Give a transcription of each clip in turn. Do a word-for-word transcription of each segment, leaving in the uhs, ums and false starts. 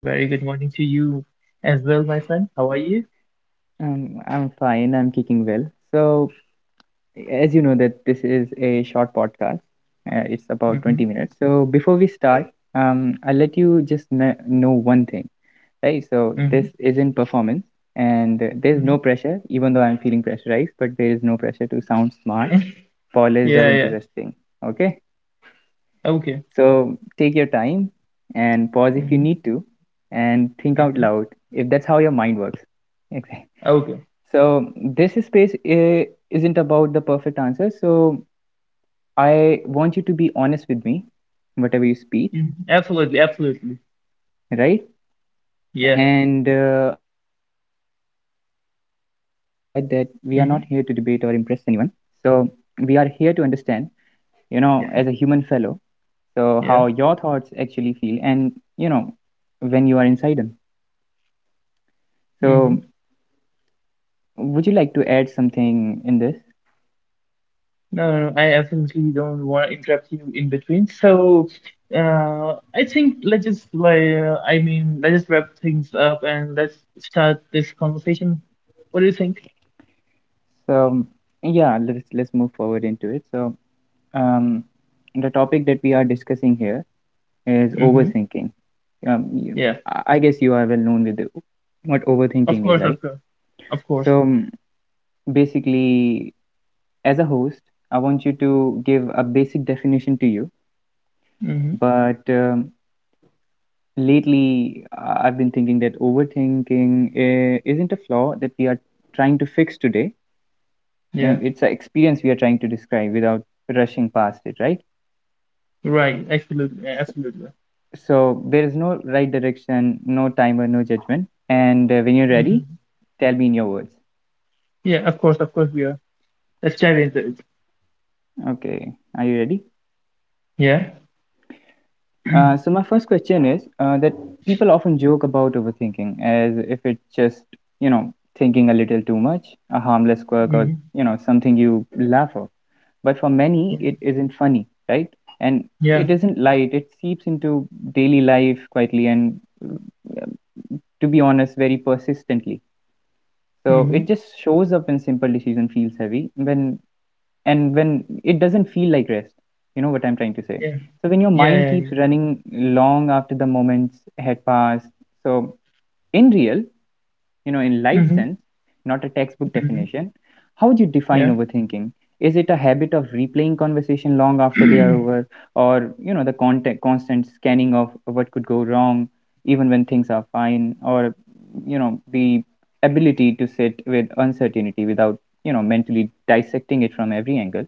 Very good morning to you as well, my friend. How are you? Um, I'm fine. I'm kicking well. So, as you know that this is a short podcast. Uh, it's about Mm-hmm. twenty minutes. So, before we start, um, I'll let you just kn- know one thing, right? So, Mm-hmm. this isn't performance, and uh, there's no Hmm. pressure. Even though I'm feeling pressurized, but there is no pressure to sound smart, polished, or Yeah, yeah. interesting. Okay. Okay. So, take your time and pause if you Mm-hmm. need to, and think out Mm-hmm. loud if that's how your mind works. Okay. So this space i- isn't about the perfect answer. So I want you to be honest with me, whatever you speak, Hmm. Absolutely, absolutely. right? Yeah. And uh, another thing I want to add that we are not here to debate or impress Mm-hmm. anyone. So we are here to understand, you know, as a Yeah, human fellow, so how yeah. your thoughts actually feel, and you know, when you are inside them. Mm-hmm. So would you like to add something in this? No, no, no, I absolutely don't want to interrupt you in between. So, uh, I think let's just like, uh, I mean, let's just wrap things up and let's start this conversation. What do you think? So yeah, let's let's move forward into it. So um the topic that we are discussing here is Mm-hmm. overthinking. Um, you, Yeah. I I guess you are well known with the, what Of overthinking is, course, of right? course. Of course. So um, basically, as a host, I want you to give a basic definition to you. Mm-hmm. But um, lately, I- I've been thinking that overthinking uh, isn't a flaw that we are trying to fix today. Um, Yeah. It's an experience we are trying to describe without rushing past it, right? Right. Absolutely. Yeah, absolutely. So there is no right direction, no timer, no judgment. And uh, when you're Mm. ready, tell me in your words. Yeah. Of course. Of course. We are. Let's dive into it. Okay, are you ready? Yeah. Uh, so my first question is uh, that people often joke about overthinking as if it's just you know thinking a little too much, a harmless quirk, or Hmm. you know something you laugh off. But for many, Yeah. it isn't funny, right? And Yeah. it isn't light. It seeps into daily life quietly and, to be honest, very persistently. So Hmm. it just shows up when simple decision feels heavy, when and when it doesn't feel like rest. You know what I'm trying to say. Yeah. So when your Yeah. mind Yeah. keeps Yeah. running long after the moments had passed. So in real, you know, in life Hmm. sense, not a textbook Hmm. definition. How would you define Yeah. overthinking? Is it a habit of replaying conversation long after they are over, or you know, the contact, constant scanning of what could go wrong, even when things are fine, or you know, the ability to sit with uncertainty without you know mentally dissecting it from every angle?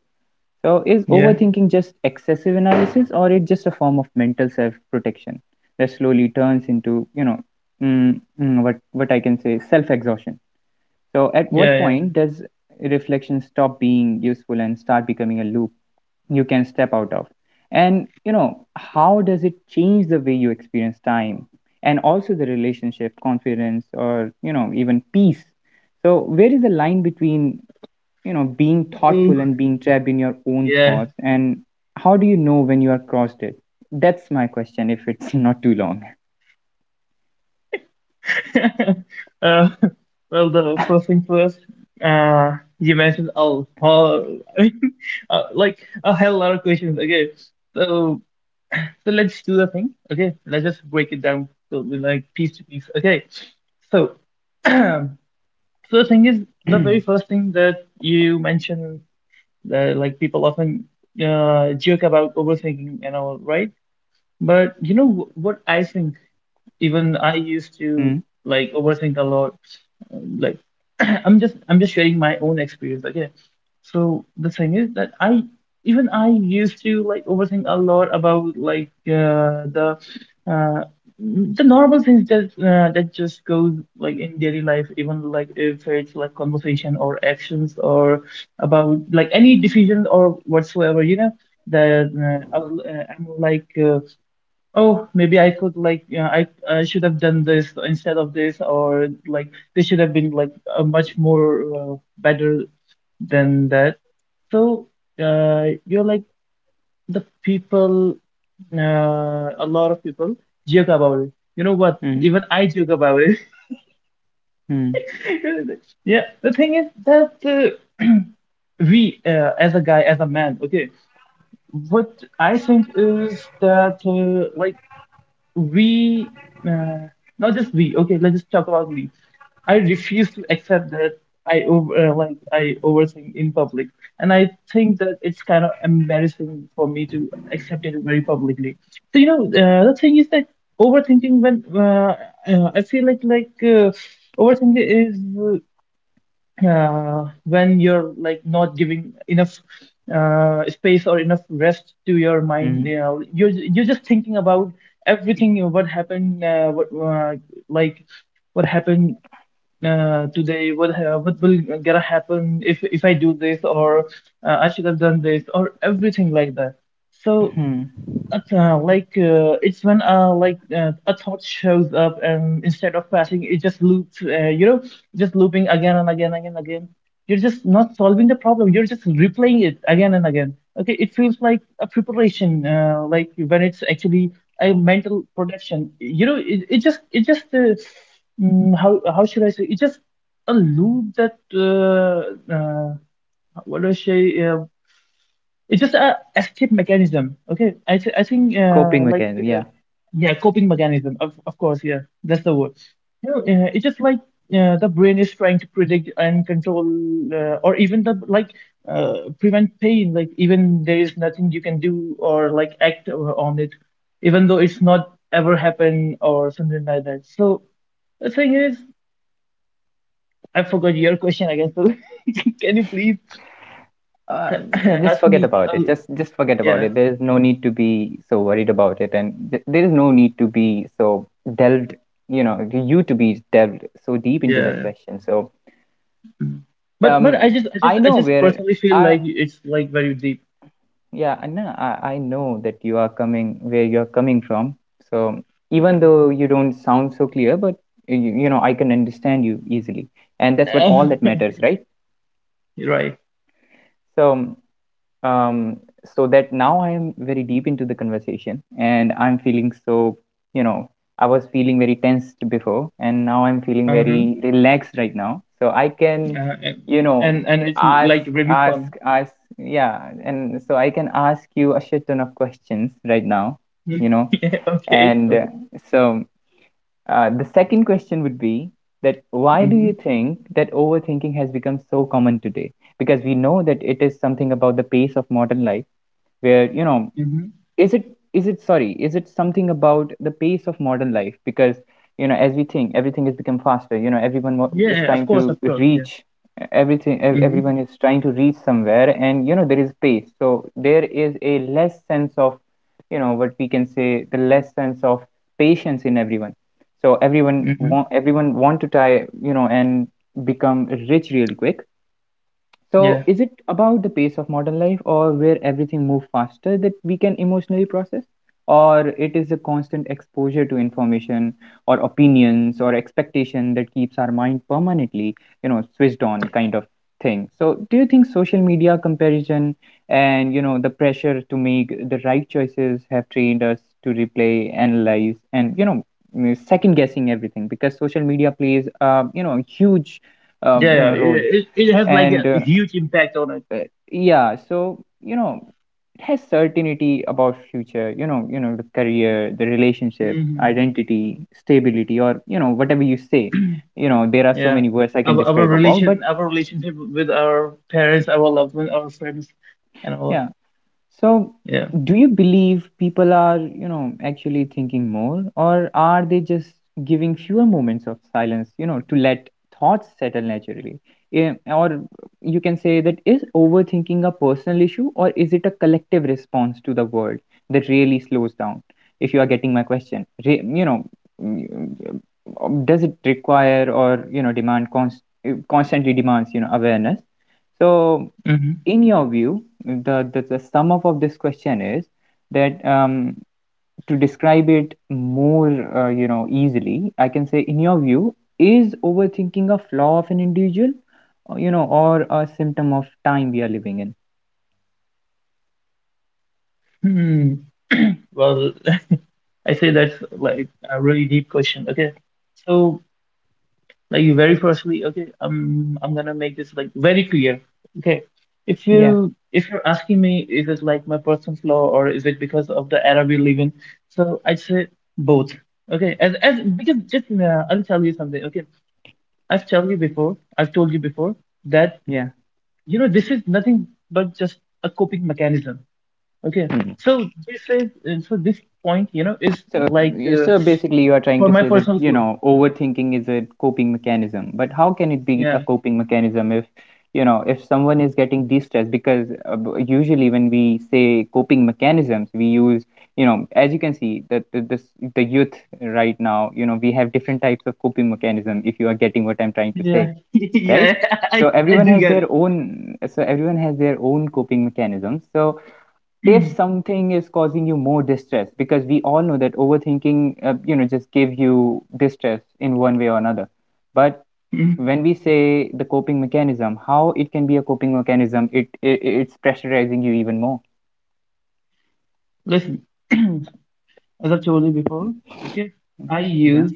So, is Yeah. overthinking just excessive analysis, or it just a form of mental self-protection that slowly turns into, you know, mm, mm, what what I can say, self-exhaustion? So, at what Yeah. Yeah. point does reflection stop being useful and start becoming a loop you can step out of? And you know, how does it change the way you experience time and also the relationship, confidence, or you know, even peace? So, where is the line between you know being Oh. thoughtful and being trapped in your own Yeah. thoughts and how do you know when you are crossed it? That's my question, if it's not too long. uh, well, the first thing first. Uh, you mentioned a whole, uh, Like a hell lot of questions. Okay. So, so let's do the thing. Okay. Let's just break it down. So, like piece to piece. Okay. So. So the thing is, the very first thing that you mentioned, that like people often uh, joke about overthinking and all, right? But you know wh- what I think? Even I used to mm, like overthink a lot. Um, Like I'm just I'm just sharing my own experience, okay? So the thing is that I even I used to like overthink a lot about like uh, the uh, the normal things that uh, that just goes like in daily life, even like if it's like conversation or actions or about like any decision or whatsoever, you know, that uh, I will, uh, I'm like. Uh, Oh, maybe I could like you know, I I should have done this instead of this, or like this should have been like a much more uh, better than that. So uh, you're like the people, uh, a lot of people joke about it. You know what? mm, Even I joke about it. mm, Yeah, the thing is that uh, we, uh, as a guy, as a man, okay, what I think is that uh, like we uh, not just we, okay, let's just talk about me. I refuse to accept that i over uh, like i overthink in public, and I think that it's kind of embarrassing for me to accept it very publicly. So you know, uh, the thing is that overthinking when uh, uh, I feel like like uh, overthinking is, uh, when you're like not giving enough uh, space or enough rest to your mind. mm, You know, you're you're just thinking about everything. You know, what happened, uh, what uh, like what happened uh, today, what ha- what will gonna happen if if I do this, or uh, I should have done this or everything like that. So mm. but, uh, like uh, it's when uh, like uh, a thought shows up and instead of passing it just loops, uh, you know, just looping again and again, again again. You're just not solving the problem, you're just replaying it again and again. Okay, it feels like a preparation, uh, like when it's actually a mental production. You know, it, it just it just uh, mm, how how should I say, it's just a loop that uh, uh, what do I say. Uh, it's just a escape mechanism. Okay, I th I think uh, Coping like mechanism, uh, yeah. yeah, coping mechanism. Of of course, yeah, that's the word. You know, uh, it's just like uh, the brain is trying to predict and control, uh, or even the like uh, prevent pain. Like even there is nothing you can do or like act on it, even though it's not ever happened or something like that. So the thing is, I forgot your question again. So can you please uh, just ask forget me? about it, Um, just just forget about Yeah, it. There is no need to be so worried about it and th- there is no need to be so delved, you know, you to be delved so deep into that yeah. question. So But but um I just I just I I know just where personally feel I— like it's like very deep. yeah, Anna, I, I know that you are coming where you're coming from. So even Yeah. though you don't sound so clear, but you, you know, I can understand you easily. And that's what all Uh, that matters, right? You're right. So um, so that now I am very deep into the conversation and I'm feeling so, you know, I was feeling very tensed before and now I'm feeling Uh-huh. very relaxed right now. So I can, Uh, and you know, and and it's ask, like really ask, fun. ask, yeah. And so I can ask you a shit ton of questions right now, you know. Yeah, okay. And uh, Okay. so uh, the second question would be that why do you Mm-hmm. think that overthinking has become so common today? Because we know that it is something about the pace of modern life where, you know, Mm-hmm. is it is it sorry is it something about the pace of modern life? Because you know as we think everything has become faster, you know, everyone wa- Yeah, is yeah, of trying course, to of course. Yeah. reach everything, ev- Mm-hmm. everyone is trying to reach somewhere, and you know there is pace, so there is a less sense of, you know, what we can say, the less sense of patience in everyone. So everyone Mm-hmm. want everyone want to try, you know, and become rich really quick. So, Yeah. is it about the pace of modern life or where everything moves faster that we can emotionally process? Or it is a constant exposure to information or opinions or expectation that keeps our mind permanently, you know, switched on kind of thing. So, do you think social media comparison and, you know, the pressure to make the right choices have trained us to replay, analyze, and, you know, second guessing everything? Because social media plays, uh, you know, a huge, um, Yeah, you yeah. know, role? It, it it has like a And uh, huge impact on it. uh, yeah, so you know it has certainty about future, you know, you know the career, the relationships, Mm-hmm. identity, stability, or you know whatever you say. You know there are so Yeah. many words I can Our our describe about, but relation our relationship with our parents, our loved ones, our friends, and all. yeah. So, Yeah. do you believe people are, you know, actually thinking more, or are they just giving fewer moments of silence, you know, to let thoughts settle naturally? Yeah, or you can say that is overthinking a personal issue, or is it a collective response to the world that really slows down? If you are getting my question, Re- you know, mm, mm, does it require or you know demand const- eh, constantly demands you know awareness? So Mm-hmm. in your view, the the, the sum up of this question is that um, to describe it more, uh, you know, easily, I can say, in your view, is overthinking a flaw of an individual, or, you know, or a symptom of time we are living in? Hmm. Well, I say that's like a really deep question. Okay, so like very firstly, okay, um, I'm gonna make this like very clear. Okay, if Yeah, you if you're asking me, is it like my personal flaw or is it because of the era we live in? So I'd say both. Okay, as as because just uh, I'll tell you something. Okay, I've told you before. I've told you before that yeah. you know this is nothing but just a coping mechanism. Okay, Hmm. so this is and so this point you know is So, like. you- Uh, so basically, you are trying For to my say that, personal you flow. know, overthinking is a coping mechanism. But how can it be a Yeah, coping mechanism if, you know, if someone is getting de-stressed? Because uh, b- usually when we say coping mechanisms, we use, you know, as you can see, that the this the youth right now, you know, we have different types of coping mechanism, if you are getting what I'm trying to say, yeah, yeah. right? So I I everyone do has get it. their own, so everyone has their own coping mechanisms. So if something is causing you more distress, because we all know that overthinking uh, you know just give you distress in one way or another, but Mhm. when we say the coping mechanism, how it can be a coping mechanism? it, it it's pressurizing you even more. Listen, as I've told you before, okay, I Yeah. use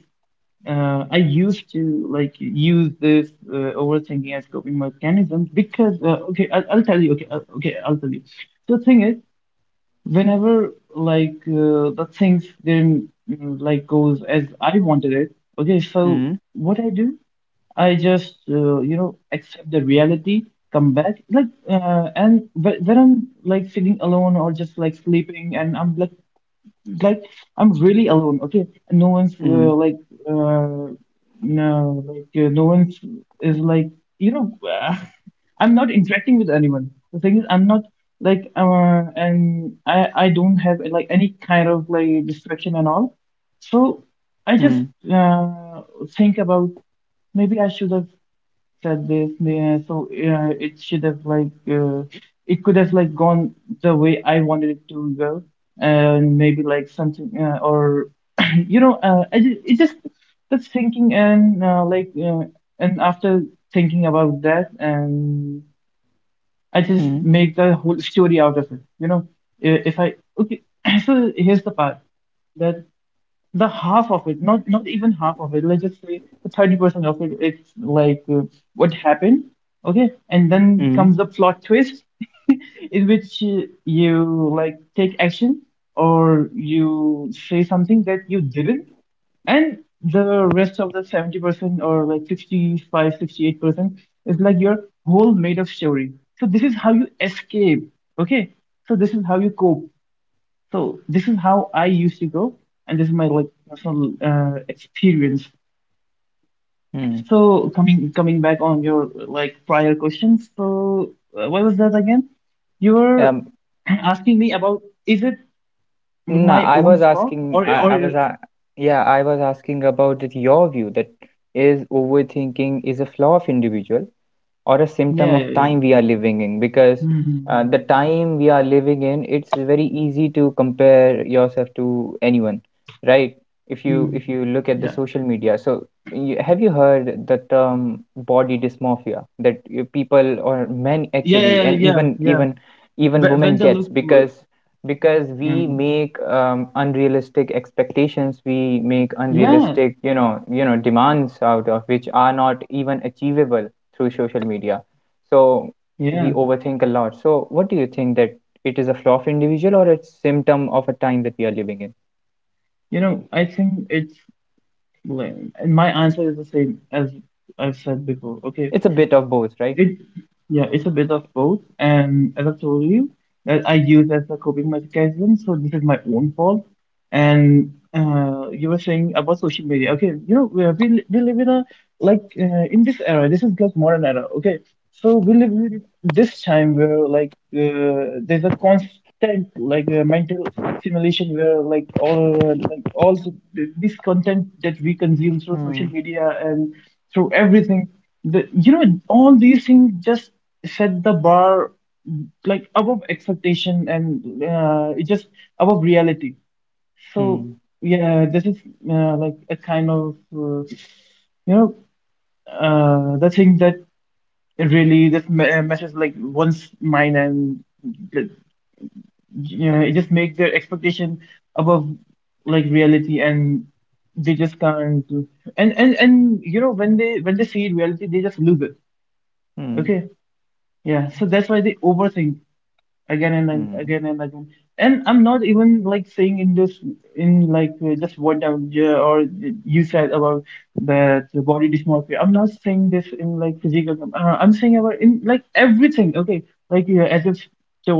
uh, I used to like use this uh, overthinking as coping mechanism because uh, okay, I'll, I'll tell you. Okay, I'll, okay, I'll tell you. So the thing is, whenever like uh, the things didn't mm, like goes as I wanted it, okay, so Mm, what I do, I just uh, you know accept the reality, come back like uh, and wh- when I'm like feeling alone or just like sleeping and I'm like like I'm really alone, okay? No one's mm, uh, like uh, no, like uh, no one's is like you know. Uh, I'm not interacting with anyone. The thing is, I'm not like uh, and I I don't have like any kind of like distraction and all. So I just mm, uh, think about maybe I should have said this, yeah, so yeah, it should have like uh, it could have like gone the way I wanted it to go. And maybe like something uh, or you know uh, I ju- it just, that's thinking. And uh, like uh, and after thinking about that, and I just mm, make the whole story out of it. You know, I- if I, okay, so here's the part that the half of it, not not even half of it, let's just say the thirty percent of it, it's like uh, what happened. Okay, and then mm. comes the plot twist in which uh, you like take action or you say something that you didn't. And the rest of the seventy percent, or like sixty five, sixty eight percent, is like your whole made up story. So this is how you escape, okay, so this is how you cope. So this is how I used to go, and this is my like personal uh, experience. Hmm. So coming coming back on your like prior questions, so uh, what was that again? You were Um, asking me about, is it nah, my I own was flaw asking, or I, or I was, uh, yeah, I was asking about that your view that is overthinking is a flaw of individual or a symptom yeah, of yeah, yeah. time we are living in. Because uh, Hmm. the time we are living in, it's very easy to compare yourself to anyone, right? if you Mm, if you look at the yeah, social media, so you, have you heard the term body dysmorphia, that you- people or men yeah, actually, yeah, yeah, and yeah, even yeah. even even Wh- When women they gets? look, w- because because yeah, we make um, unrealistic expectations, we make yeah, unrealistic, you know, you know, demands out of which are not even achievable through social media. So we yeah. overthink a lot. So what do you think that it is a flaw of individual or it's symptom of a time that we are living in? You know, I think it's like, and my answer is the same as I've said before. Okay, It's a bit of both, right? It, yeah, it's a bit of both, and as I told you, that I use as a coping mechanism, so this is my own fault. And uh, you were saying about social media. Okay, you know, we, we, we live in a, like, uh, in this era, this is like modern era, okay? So we live in this time where like uh, there's a constant like uh, mental simulation where like all like all the- this content that we consume through Hmm. social media and through everything, the, you know, all these things just set the bar like above expectation, and uh, it just above reality. So Hmm. yeah, this is uh, like a kind of uh, you know, uh, the thing that it really just me- uh, messes like one's mind, and like, you know, it just makes their expectation above like reality, and they just can't. And and and you know, when they when they see reality they just lose it, Hmm. okay. Yeah, so that's why they overthink again and Hmm. again and again. And I'm not even like saying in this in like uh, just what I would, uh, or you said about that the body dysmorphia. I'm not saying this in like physical term. Uh, I'm saying about in like everything. Okay, like uh, as if so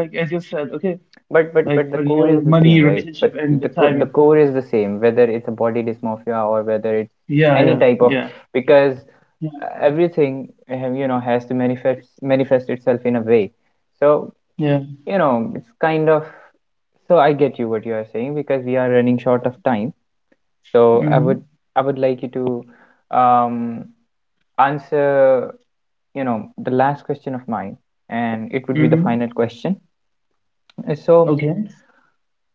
like as you said. Okay, But but but like the core career, is the same, money, right? relationship, But and the the co- the timing. core is the same, whether it's a body dysmorphia or whether it's Yeah, any yeah, type of. yeah, Because yeah, uh, everything uh, you know has to manifest manifest itself in a way. So yeah. you know, it's kind of, so I get you what you are saying because we are running short of time. So I would Mm-hmm. I would like you to um, answer you know the last question of mine, and it would be the Mm-hmm. final question. Uh, So Okay.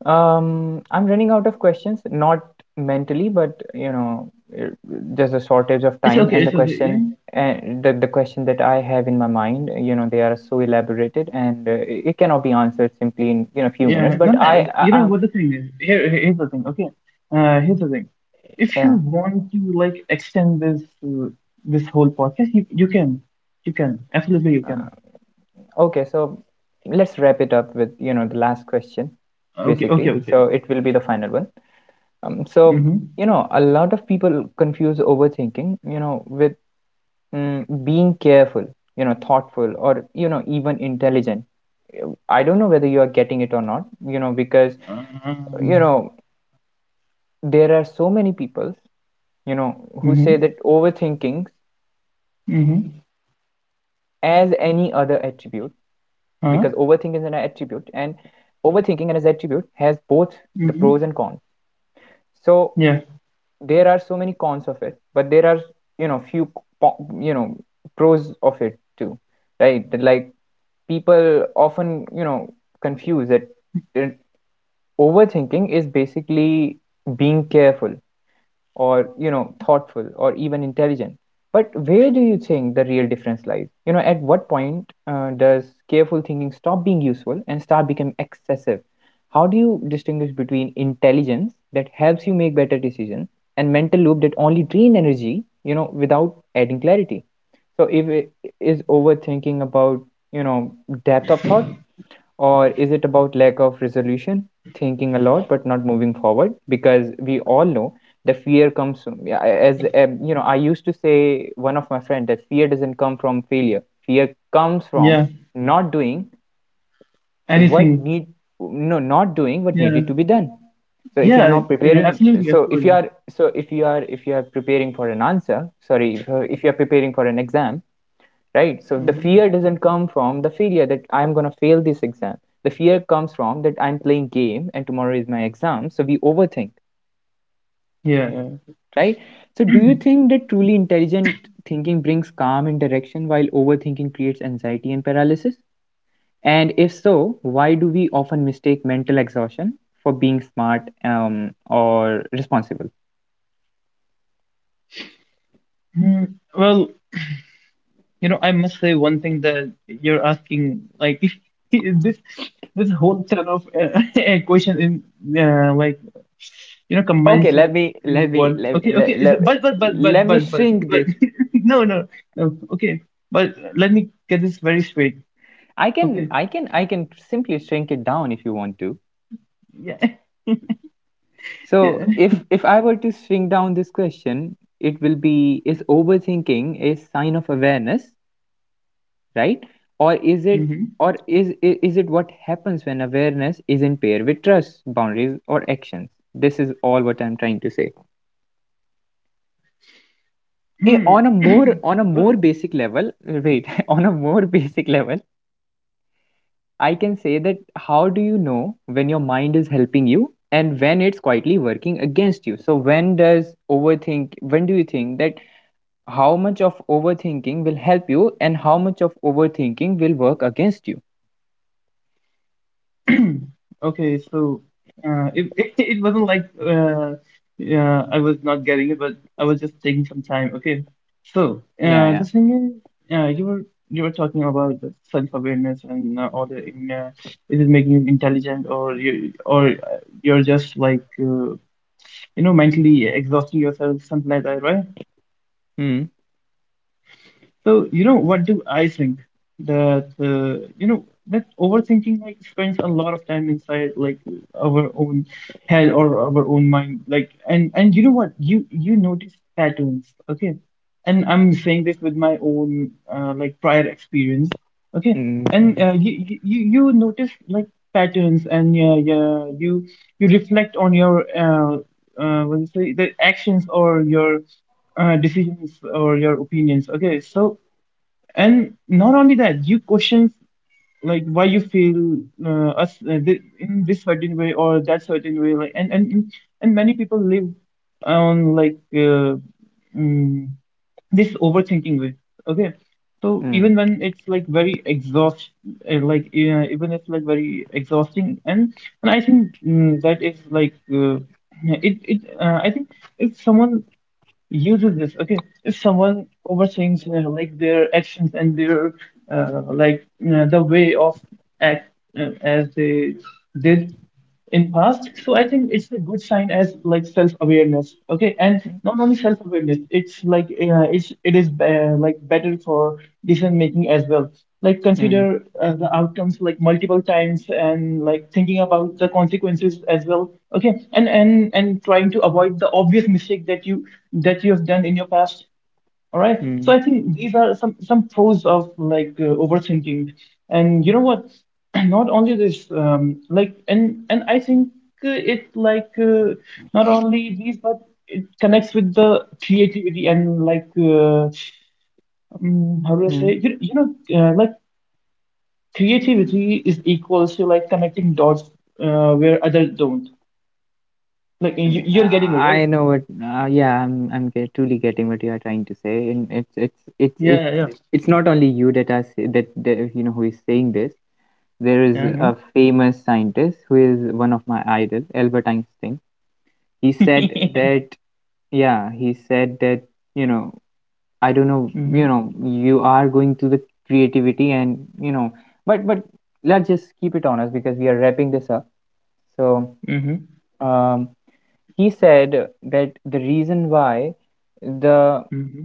um, I'm running out of questions, not mentally, but you know uh, there's a shortage of It's time, okay. and the It's okay. Yeah. question and the the question that I have in my mind, you know, they are so elaborated, and uh, it it cannot be answered simply in you know few minutes. Yeah, no, But no, I, it- I you know I'm— what the thing is? Here, here- here's the thing. Okay, uh, here's the thing. If you yeah. want to like extend this uh, this whole podcast, you you can, you can absolutely you Uh, can. okay. So let's wrap it up with you know the last question, Okay, okay, basically. okay. So it will be the final one. Um, so Mm-hmm. you know a lot of people confuse overthinking, you know, with mm, being careful, you know, thoughtful, or you know even intelligent. I don't know whether you are getting it or not, you know, because you Um. know there are so many people, you know, who say Mm-hmm. that overthinking Mm-hmm. as any other attribute, Huh? because overthinking is an attribute, and overthinking and its attribute has both Mm-hmm. the pros and cons. Yeah. So there are so many cons of it, but there are you know few po- you know pros of it too, right? That, like, people often you know confuse that that overthinking is basically being careful or you know thoughtful or even intelligent. But where do you think the real difference lies? You know at what point uh, does careful thinking stop being useful and start becoming excessive? How do you distinguish between intelligence that helps you make better decisions and mental loop that only drain energy, you know without adding clarity? So if it is overthinking about you know depth of thought, or is it about lack of resolution, thinking a lot but not moving forward? Because we all know the fear comes from, yeah, as, um, you know, I used to say one of my friend that fear doesn't come from failure. Fear comes from Yeah. not doing what Anything. need no, not doing what needed to Yeah. be done. So if you are Yeah. not Yeah. preparing, Absolutely. so if you Absolutely. are, so if you are, if you are preparing for an answer, sorry, if you are, if you are preparing for an exam, right? So the Mm-hmm. fear doesn't come from the failure that I'm gonna fail this exam. The fear comes from that I'm playing game and tomorrow is my exam. So we overthink, Yeah, yeah. right? So do you think that truly intelligent thinking brings calm and direction while overthinking creates anxiety and paralysis? And if so, why do we often mistake mental exhaustion for being smart um, or responsible? Mm, well. You know, I must say one thing that you're asking, like this this whole ton of uh, equation in uh, like you know Okay, combines let it me in let me one. let me, Okay, okay, let, is it- let, but but but but let me but but shrink but this. no no no. Okay, but let me get this very straight. I can Okay, I can I can simply shrink it down if you want to. yeah So yeah. if if I were to shrink down this question, it will be, is overthinking a sign of awareness, right? Or is it, Mm-hmm. or is i- is it what happens when awareness is in pair with trust, boundaries or actions? This is all what I'm trying to say. I- On a more, on a more basic level, wait, on a more basic level, I can say that, how do you know when your mind is helping you and when it's quietly working against you? So when does overthink when do you think that how much of overthinking will help you and how much of overthinking will work against you? Okay, so uh, it, it it wasn't like uh, yeah, I was not getting it, but I was just taking some time. Okay, so Yeah, uh, yeah. the thing is, uh, you were you were talking about the self-awareness and uh, all the uh, is it making you intelligent or you or uh, you're just like uh, you know mentally exhausting yourself, something like that, right? Mm. So, you know, what do I think? That, uh, you know, that overthinking like spends a lot of time inside like our own head or our own mind. Like, and and you know what? You you notice patterns, okay? And I'm saying this with my own uh, like prior experience, okay? And Mm. uh, you you you you notice like patterns, and yeah, yeah, you you reflect on your uh, uh, what do you say, the actions or your uh, decisions or your opinions. Okay, so and not only that you questions like why you feel uh, us uh, th- in this certain way or that certain way, like and and and many people live on like uh, mm, this overthinking way, okay, so Mm. even when it's like very exhaust uh, like uh, even it's like very exhausting, and and I think mm, that is like uh, it it uh, I think if someone uses this, okay, if someone overthinks uh, like their actions and their uh, like uh, the way of act uh, as they did in past, so I think it's a good sign as like self-awareness. Okay, and not only self-awareness, it's like uh, it's it is uh, like better for decision making as well, like Mm. consider uh, the outcomes like multiple times, and like thinking about the consequences as well. Okay, and and and trying to avoid the obvious mistake that you that you have done in your past. All right, so Mm. I think these are some some pros of like uh, overthinking. And you know what, not only this, um, like and and I think uh, it like uh, not only these, but it connects with the creativity and like uh, um, how do I say Mm. you, you know, uh, like creativity is equals to like connecting dots uh, where others don't. Like you, Mm, you're getting me, I I right? know what. Uh, yeah, I'm. I'm ge- truly getting what you are trying to say, and it's. It's. It's. Yeah, yeah, It's. It's not only you that are say, that, that you know who is saying this. There is yeah. a Uh-huh. famous scientist who is one of my idols, Albert Einstein. He said that. Yeah, he said that. You know, I don't know, mm-hmm, you know, you are going to the creativity and you know, but but let's just keep it honest because we are wrapping this up. So mm-hmm, um, he said that the reason why the mm-hmm.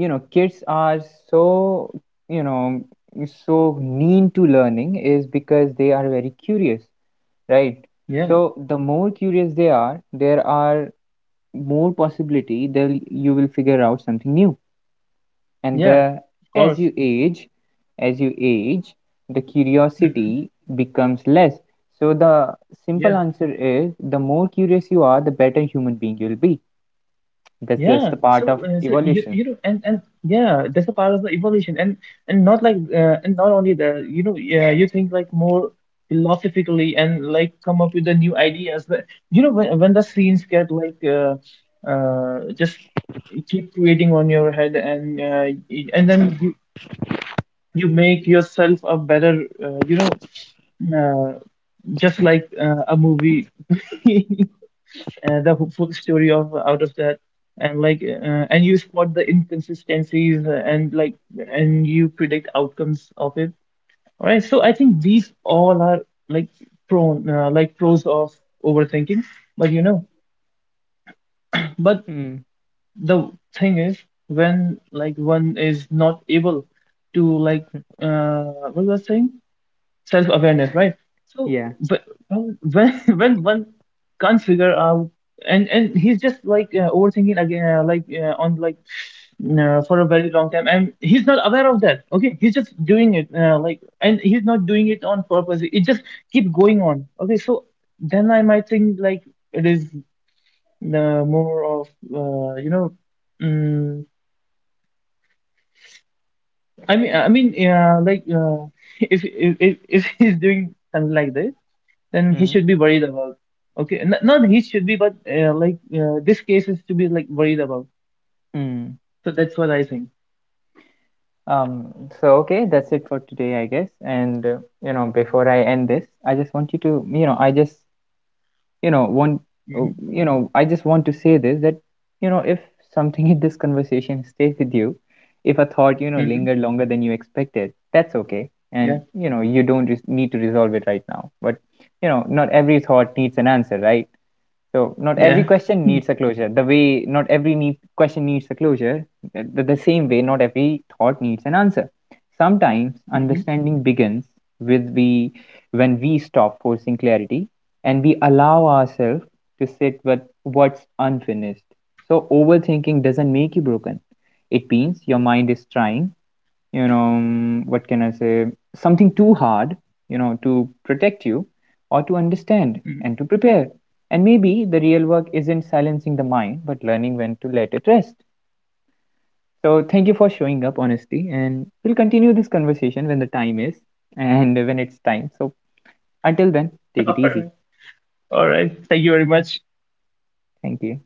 you know kids are so you know so mean to learning is because they are very curious, right? Yeah, So the more curious they are, there are more possibility they'll you will figure out something new. And yeah, the of as course. you age, as you age the Mm-hmm. curiosity becomes less. So the simple Yeah. answer is, the more curious you are, the better human being you'll be. That's just the Yeah, part so, of uh, so you evolution. you know and and yeah, that's a part of the evolution, and and not like uh, and not only the you know yeah, you think like more philosophically and like come up with the new ideas, but you know when when the scenes get like uh, uh just keep creating on your head, and uh, y- and then you, you make yourself a better uh, you know, uh, just like uh, a movie, uh, the full story of out of that, and like uh, and you spot the inconsistencies, uh, and like and you predict outcomes of it. All right, so I think these all are like prone uh, like pros of overthinking. But you know, but Mm, the thing is, when like one is not able to like uh what was I saying, self-awareness, right? So yeah. but um, when when one can't figure out, and and he's just like uh, overthinking again uh, like uh, on like uh, for a very long time, and he's not aware of that, okay, he's just doing it uh, like and he's not doing it on purpose, it just keep going on, okay, so then I might think like it is the more of uh, you know, mm i mean i mean uh, like uh, if, if if if he's doing something like this, then he Mm. should be worried about. Okay, N- not he should be, but uh, like uh, this case is to be like worried about. Mm. So that's what I think. Um, so okay, that's it for today, I guess. And uh, you know, before I end this, I just want you to, you know, I just you know want uh, Hmm you know I just want to say this that you know if something in this conversation stays with you, if a thought you know hmm lingered longer than you expected, that's okay. Yeah, And you know you don't res- need to resolve it right now. But you know, not every thought needs an answer, right? So not every yeah. question needs a closure. The way not every need, question needs a closure, the, the same way not every thought needs an answer. Sometimes understanding begins with we when we stop forcing clarity and we allow ourselves to sit with what's unfinished. So overthinking doesn't make you broken. It means your mind is trying, you know mm, what can I say something too hard, you know, to protect you or to understand Mm-hmm. and to prepare. And maybe the real work isn't silencing the mind but learning when to let it rest. So thank you for showing up honestly, and we'll continue this conversation when the time is, and when it's time. So until then, take All it easy. right. All right. Thank you very much. Thank you.